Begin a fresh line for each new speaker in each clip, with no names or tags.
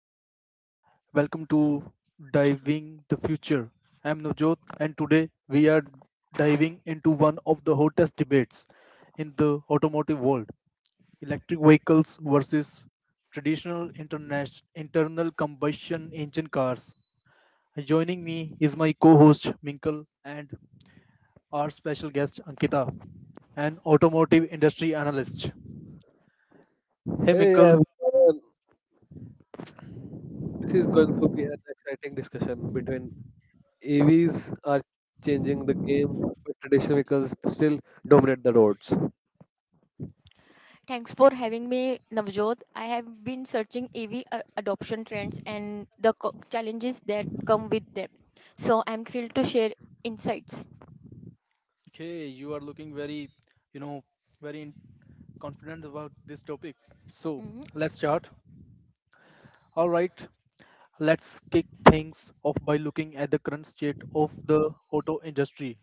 Everyone, welcome to Diving the Future. I'm Navjot and today we are diving into one of the hottest debates in the automotive world, electric vehicles versus traditional international internal combustion engine cars. Joining me is my co-host Minkle and our special guest Ankita, an automotive industry analyst. Hey
Hey
Minkle,
everyone, this is going to be an exciting discussion between EVs are changing the game, but traditional vehicles still dominate the roads.
Thanks for having me, Navjot. I have been searching EV adoption trends and the challenges that come with them. So I'm thrilled to share insights.
okay, you are looking very, you know, very confident about this topic. So
Mhm.
let's start. All right, let's kick things off by looking at the current state of the auto industry.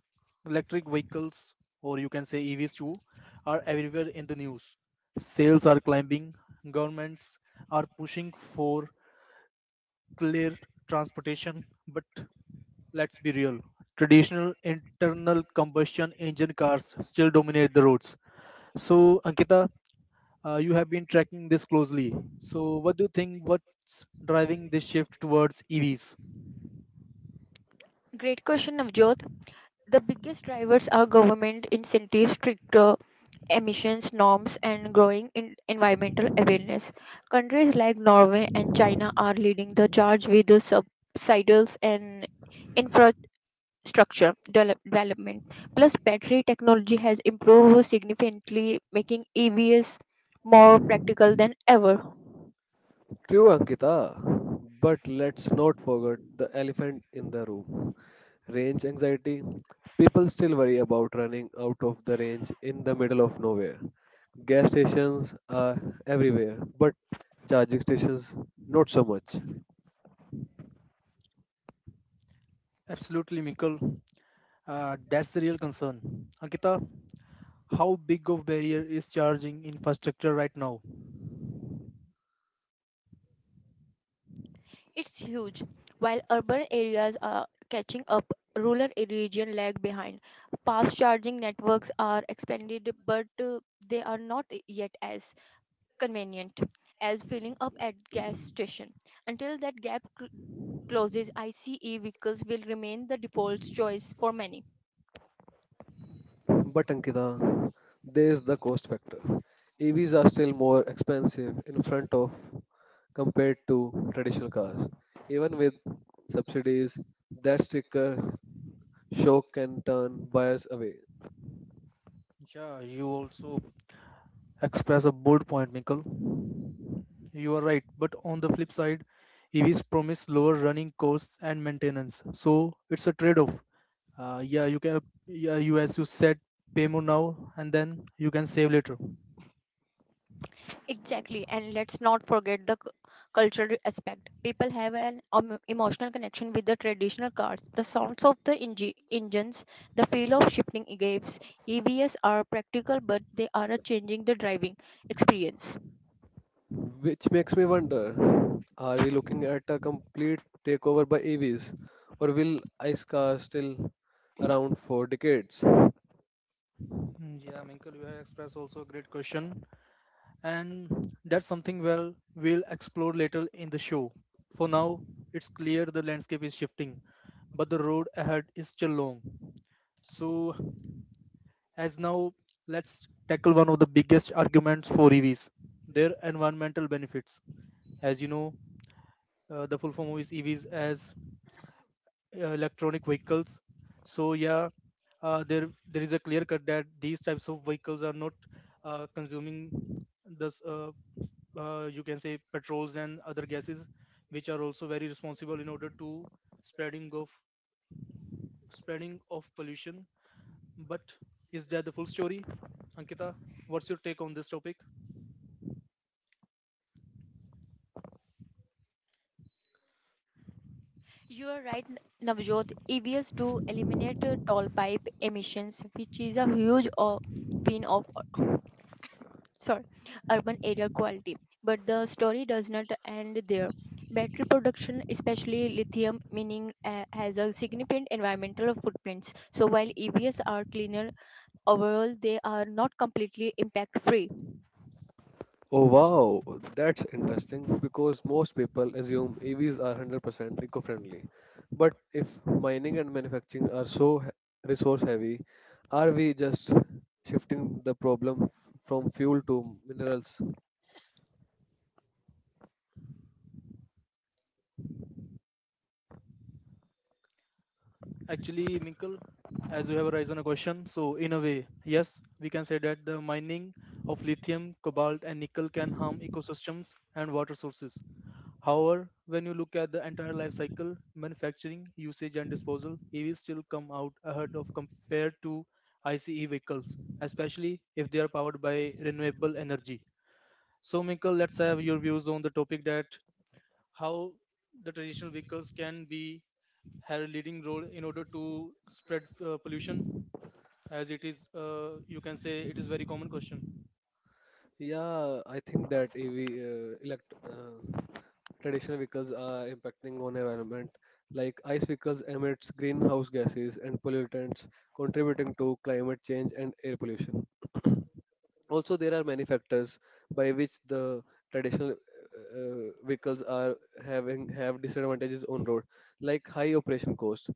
Electric vehicles, or you can say EVs too, are everywhere in the news. Sales are climbing, governments are pushing for clear transportation, but let's be real. Traditional internal combustion engine cars still dominate the roads. So, Ankita, you have been tracking this closely. So, what do you think? What's driving this shift towards EVs?
Great question, Navjot. The biggest drivers are government incentives, stricter emissions norms, and growing in environmental awareness. Countries like Norway and China are leading the charge with the subsidies and development. Plus, battery technology has improved significantly, making EVs more practical than ever.
True, Ankita, but let's not forget the elephant in the room range anxiety. People still worry about running out of the range in the middle of nowhere. Gas stations are everywhere, but charging stations not so much.
Absolutely, Mikkel. That's the real concern. Ankita, how big of barrier is charging infrastructure right now?
It's huge. While urban areas are catching up, rural regions lag behind. Fast charging networks are expanded, but they are not yet as convenient as filling up at gas station. Until closes, ICE vehicles will remain the default choice for many.
But Ankita, there is the cost factor. EVs are still more expensive in front of compared to traditional cars. Even with subsidies, that sticker shock can turn buyers away.
Yeah, you also express a bold point, Mikkel. You are right, but on the flip side, EVs promise lower running costs and maintenance, so it's a trade-off. Yeah, yeah, you as you said, pay more now and then you can save later.
Exactly, and let's not forget the cultural aspect. People have an emotional connection with the traditional cars. The sounds of the engines, the feel of shifting gears. EVs are practical, but they are a changing the driving experience.
Which makes me wonder, are we looking at a complete takeover by EVs or will ICE cars still around for decades?
Mm, yeah, Minkle, you have expressed also a great question, and that's something, well, we'll explore later in the show. For now, it's clear the landscape is shifting, but the road ahead is still long. So, as now, let's tackle one of the biggest arguments for EVs: their environmental benefits. As you know, the full form of is EVs as electronic vehicles. So yeah, there is a clear cut that these types of vehicles are not consuming this you can say petrols and other gases, which are also very responsible in order to spreading of spreading of pollution. But is that the full story, Ankita? What's your take on this topic?
You are right, Navjot. EVs do eliminate toll pipe emissions, which is a huge win of, sorry, urban air quality. But the story does not end there. Battery production, especially lithium, mining, has a significant environmental footprints. So while EVs are cleaner overall, they are not completely impact-free.
Oh wow, that's interesting because most people assume EVs are 100% eco-friendly. But if mining and manufacturing are so resource heavy, are we just shifting the problem from fuel to minerals?
Actually, Minkle, as you have raised on a question, so in a way, yes, we can say that the mining of lithium, cobalt, and nickel can harm ecosystems and water sources. However, when you look at the entire life cycle, manufacturing, usage, and disposal, EVs still come out ahead of compared to ICE vehicles, especially if they are powered by renewable energy. So, Minkle, let's have your views on the topic that how the traditional vehicles can be have a leading role in order to spread pollution, as it is you can say it is very common question.
Yeah, I think that EV uh, elect uh, traditional vehicles are impacting on environment, like ice vehicles emits greenhouse gases and pollutants contributing to climate change and air pollution. Also there are many factors by which the traditional vehicles are having have disadvantages on road, like high operation cost,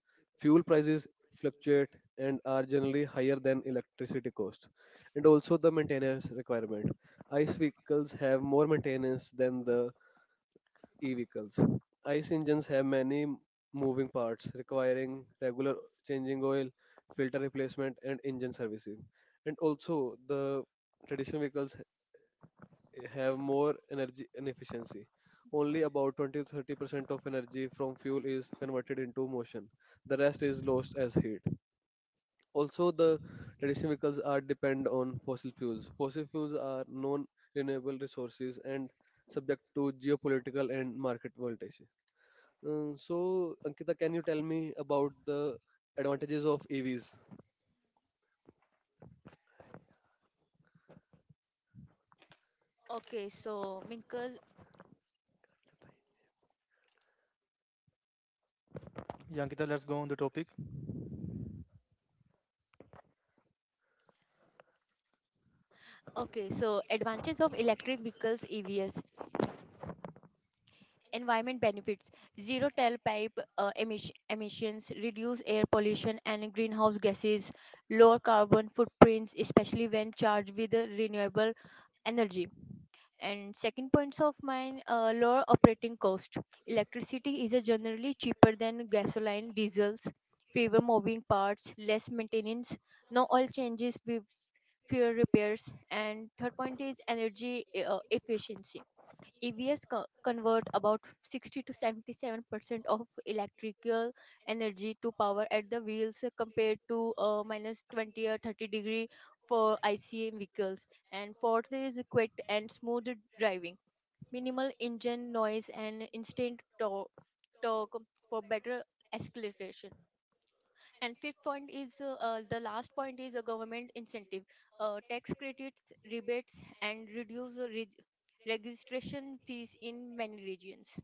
fuel prices fluctuate and are generally higher than electricity cost, and also the maintenance requirement. Ice vehicles have more maintenance than the e vehicles. Ice engines have many moving parts requiring regular changing oil, filter replacement and engine servicing. And also the traditional vehicles have more energy inefficiency. Only about 20 to 30% of energy from fuel is converted into motion. The rest is lost as heat. Also, the traditional vehicles are depend on fossil fuels. Fossil fuels are non-renewable resources and subject to geopolitical and market volatility. So, Ankita, can you tell me about the advantages of EVs?
Okay, so Minkle,
Yankita, let's go on the topic.
okay, so advantages of electric vehicles EVs. Environment benefits, zero tailpipe emissions, reduce air pollution and greenhouse gases, lower carbon footprints, especially when charged with renewable energy. And second points of mine, lower operating cost. Electricity is generally cheaper than gasoline, diesels, fewer moving parts, less maintenance, no oil changes, with fewer repairs. And third point is energy efficiency. EVs convert about 60 to 77% of electrical energy to power at the wheels, compared to minus 20 or 30 degree for ICE vehicles. And fourth is quick and smooth driving, minimal engine noise and instant torque for better acceleration. And fifth point is the last point is a government incentive, tax credits, rebates, and reduce the registration fees in many regions.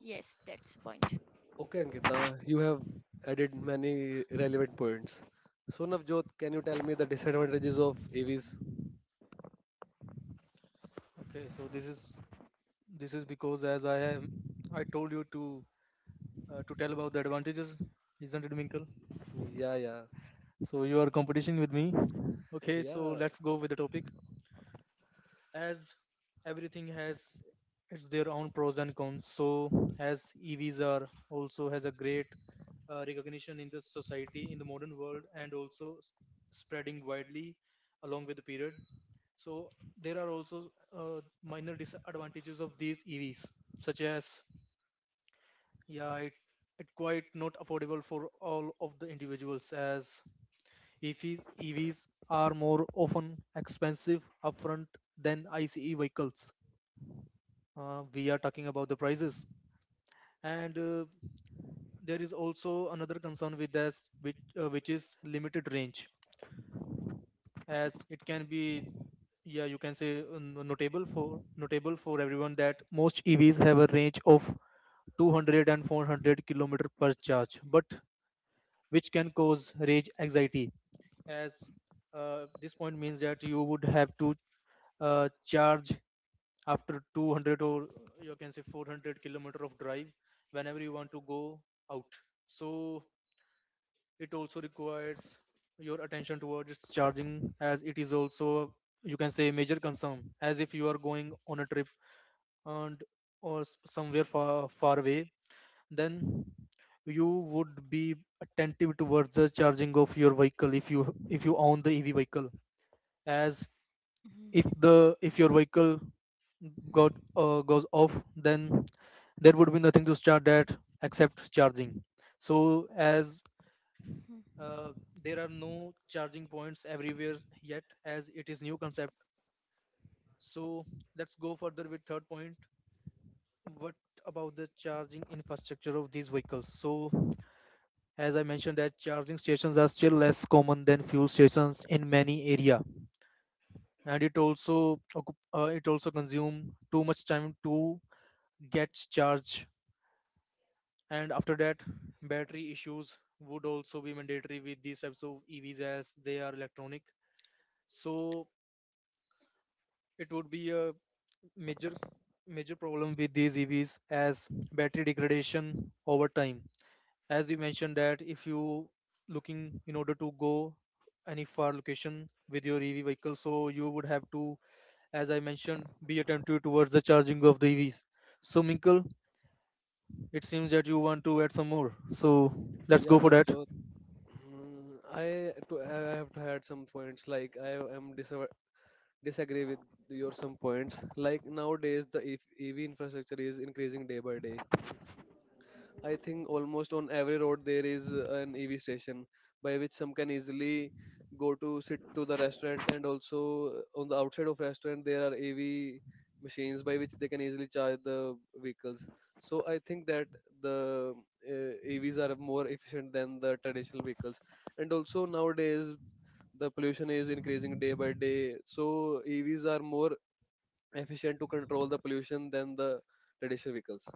Yes, that's the point.
Okay, Ankita, you have added many relevant points. So, Navjot, can you tell me the disadvantages of AVs?
Okay, so this is because as I am I told you to to tell about the advantages, isn't it, Minkle?
Yeah, yeah,
So you are competition with me. Okay, so
yeah,
let's go with the topic. As everything has it's their own pros and cons, so as EVs are also has a great recognition in the society in the modern world and also spreading widely along with the period. So there are also minor disadvantages of these EVs, such as yeah, it quite not affordable for all of the individuals, as EVs are more often expensive upfront than ICE vehicles. We are talking about the prices, and there is also another concern with this, which is limited range. As it can be, yeah, you can say notable for everyone that most EVs have a range of 200 and 400 kilometer per charge, but which can cause range anxiety. As this point means that you would have to charge after 200, or you can say 400 kilometer of drive, whenever you want to go out. So it also requires your attention towards its charging, as it is also you can say major concern. As if you are going on a trip and or somewhere far far away, then you would be attentive towards the charging of your vehicle if you own the EV vehicle. As if
Mhm.
the if your vehicle got goes off, then there would be nothing to start at except charging. So as uh, there are no charging points everywhere yet, as it is new concept. So let's go further with third point. What about the charging infrastructure of these vehicles? So as I mentioned that charging stations are still less common than fuel stations in many area, and it also it also consume too much time to get charged. And after that, battery issues would also be mandatory with these types of EVs, as they are electronic. So it would be a major major problem with these EVs as battery degradation over time. As you mentioned that if you looking in order to go any far location with your EV vehicle, so you would have to, as I mentioned, be attentive towards the charging of the EVs. So Minkle, it seems that you want to add some more. So let's
yeah,
go for that.
Navjot. I have to add some points. Like I am disava disagree with your some points. Like nowadays, the EV infrastructure is increasing day by day. I think almost on every road there is an EV station by which some can easily go to sit to the restaurant, and also on the outside of restaurant there are EV machines by which they can easily charge the vehicles. So I think that the EVs are more efficient than the traditional vehicles. And also nowadays the pollution is increasing day by day. So EVs are more efficient to control the pollution than the traditional vehicles.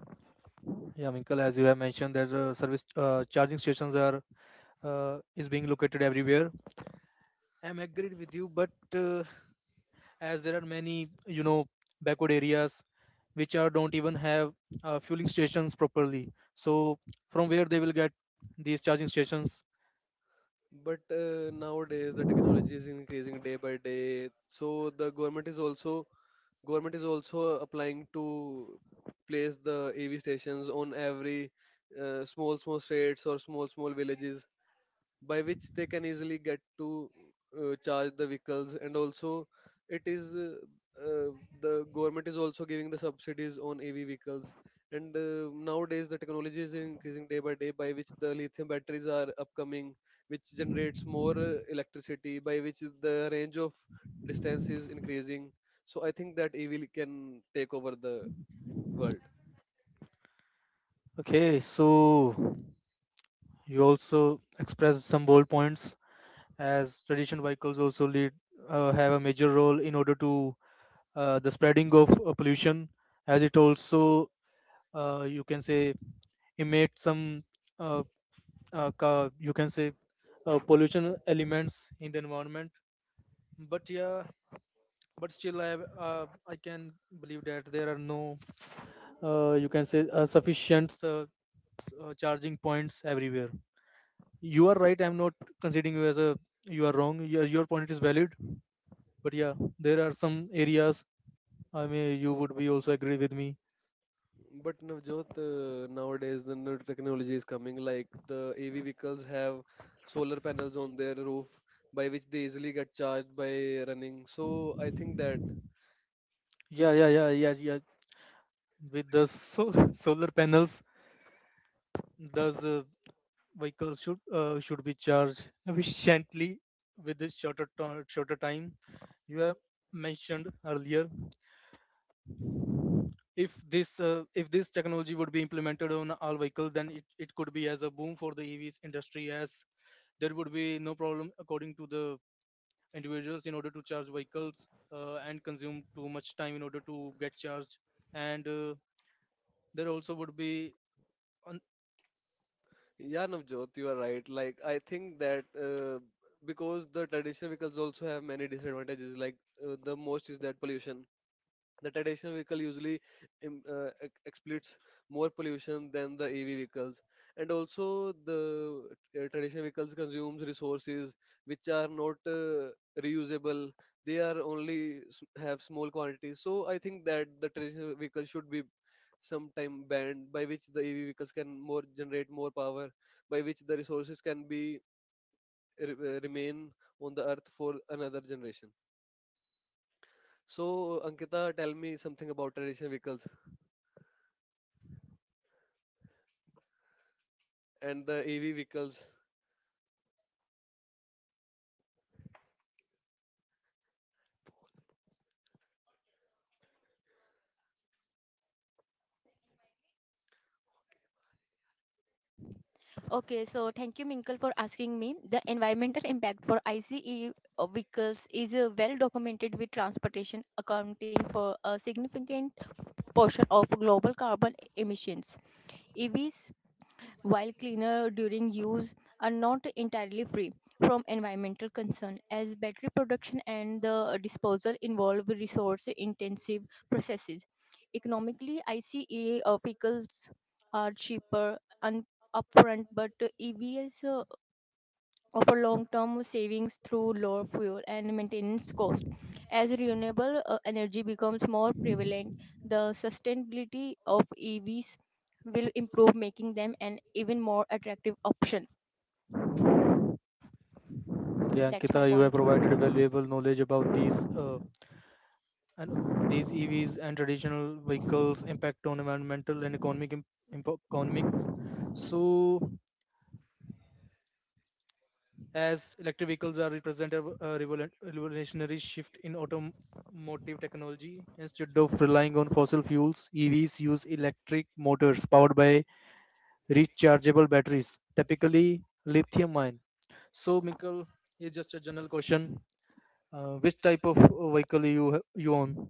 Yeah, Minkle, as you have mentioned, that service charging stations are is being located everywhere, I'm agreed with you, but uh, as there are many, backward areas which are don't even have fueling stations properly. So from where they will get these charging stations?
But nowadays the technology is increasing day by day. So the government is also applying to place the EV stations on every small small states or small small villages by which they can easily get to charge the vehicles. And also it is uh, the government is also giving the subsidies on AV vehicles. And nowadays the technology is increasing day by day, by which the lithium batteries are upcoming, which generates more electricity, by which the range of distance is increasing. So I think that EV can take over the world.
Okay, so you also expressed some bold points, as traditional vehicles also lead have a major role in order to the spreading of pollution, as it also you can say emit some uh, you can say pollution elements in the environment. But yeah, but still I can believe that there are no you can say sufficient charging points everywhere. You are right, I'm not considering you as a you are wrong, your point is valid. But yeah, there are some areas, I mean, you would be also agree with me.
But Navjot, nowadays the new technology is coming, like the AV vehicles have solar panels on their roof by which they easily get charged by running. So I think that,
Yeah, yeah, yeah, yeah, yeah, with the solar panels does vehicles should be charged efficiently with this shorter time you have mentioned earlier. If this if this technology would be implemented on all vehicles, then it could be as a boom for the EVs industry, as there would be no problem according to the individuals in order to charge vehicles and consume too much time in order to get charged and
yeah, Navjot, you are right. Like I think that because the traditional vehicles also have many disadvantages, like the most is that pollution. The traditional vehicle usually exhibits more pollution than the EV vehicles, and also the traditional vehicles consumes resources which are not reusable. They are only have small quantities. So I think that the traditional vehicle should be sometime banned, by which the EV vehicles can more generate more power, by which the resources can be remain on the earth for another generation. So Ankita, tell me something about traditional vehicles and the EV vehicles.
Okay, so thank you, Minkle, for asking me. The environmental impact for ICE vehicles is well documented, with transportation accounting for a significant portion of global carbon emissions. EVs, while cleaner during use, are not entirely free from environmental concern, as battery production and the disposal involve resource intensive processes. Economically, ICE vehicles are cheaper and upfront, but EVs of a long-term savings through lower fuel and maintenance cost. As renewable energy becomes more prevalent, the sustainability of EVs will improve, making them an even more attractive option.
Yeah,
That's my
Ankita, you have
point.
provided valuable knowledge about these and these EVs and traditional vehicles' impact on environmental and economics. So, as electric vehicles are represent a revolutionary shift in automotive technology, instead of relying on fossil fuels, EVs use electric motors powered by rechargeable batteries, typically lithium-ion. So, Mikkel, here's just a general question. Which type of vehicle you you own?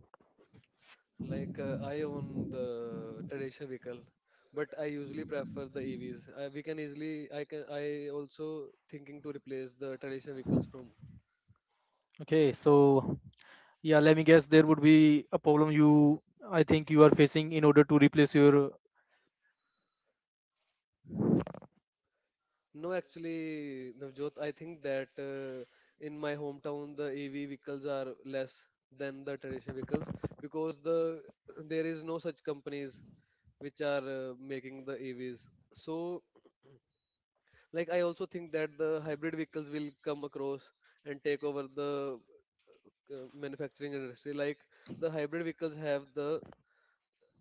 Like I own the Racer vehicle, but I usually prefer the EVs. I, we can easily I can I also thinking to replace the traditional vehicles from.
Okay, so yeah, let me guess. There would be a problem you I think you are facing in
No, actually, Navjot, I think that in my hometown the EV vehicles are less than the traditional vehicles, because there is no such companies which are making the EVs. So, like, I also think that the hybrid vehicles will come across and take over the manufacturing industry. Like the hybrid vehicles have the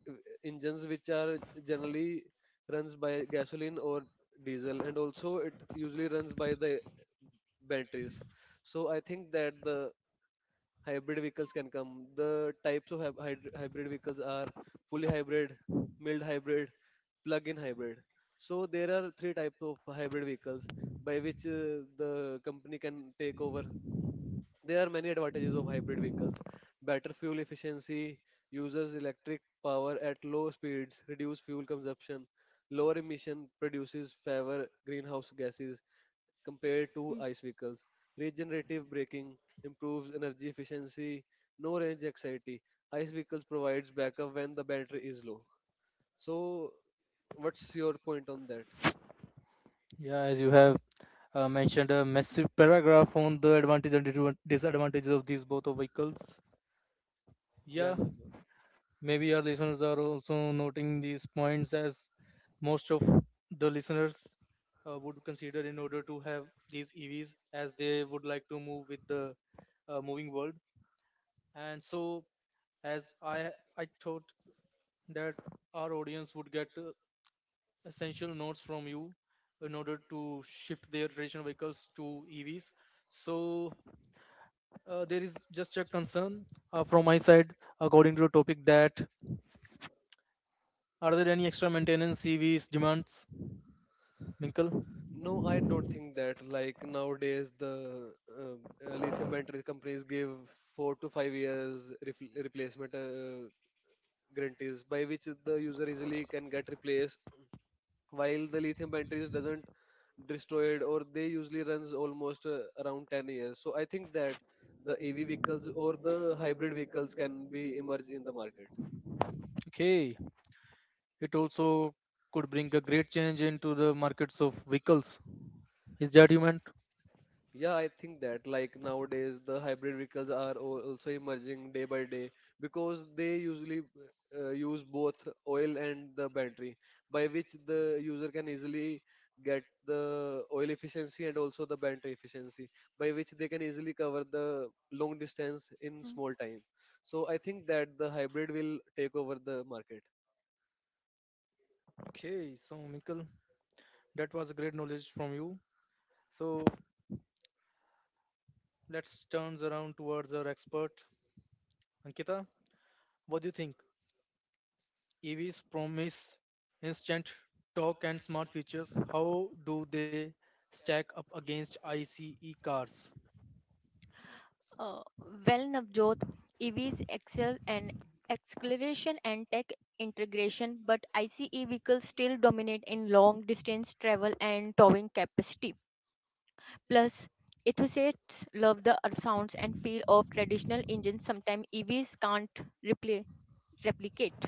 uh, engines which are generally runs by gasoline or diesel, and also it usually runs by the batteries. So I think that the hybrid vehicles can come. The types of hybrid vehicles are fully hybrid, mild hybrid, plug-in hybrid. So there are three types of hybrid vehicles by which the company can take over. There are many advantages of hybrid vehicles. Better fuel efficiency, uses electric power at low speeds, reduced fuel consumption, lower emission produces fewer greenhouse gases compared
Mhm.
to ICE vehicles. Regenerative braking improves energy efficiency, no range anxiety. ICE vehicles provides backup when the battery is low. So what's your point on that? Yeah, no, Navjot. No, I don't think that. Like nowadays, the um, lithium battery companies give 4 to 5 years ref replacement guarantees, by which the user easily can get replaced, while the lithium batteries doesn't destroyed, or they usually runs almost around 10 years. So I think that the ev vehicles or the hybrid vehicles can be emerged in the market. Yeah, I think that like nowadays the hybrid vehicles are also emerging day by day, because they usually use both oil and the battery, by which the user can easily get the oil efficiency and also the battery efficiency, by which they can easily cover the long distance in small time. So I think that the hybrid will take over the market.
Uh, well, Navjot, EVs excel in acceleration and tech integration, but ICE vehicles still dominate in long distance travel and towing capacity. Plus, enthusiasts love the sounds and feel of traditional engines sometimes EVs can't replicate.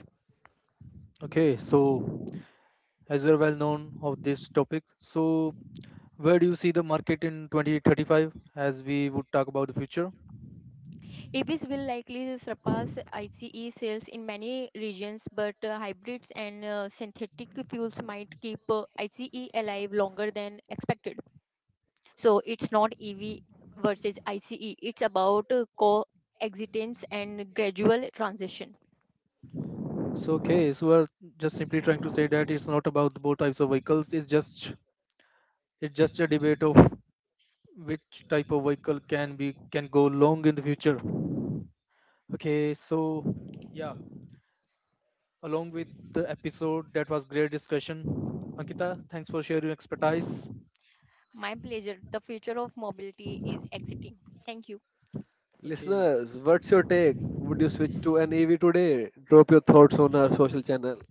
EVs will likely surpass ICE sales in many regions, but hybrids and synthetic fuels might keep ICE alive longer than expected. So it's not EV versus ICE, it's about coexistence and gradual transition. My pleasure. The future of mobility is exiting. Thank you.
Listeners, what's your take? Would you switch to an EV today? Drop your thoughts on our social channel.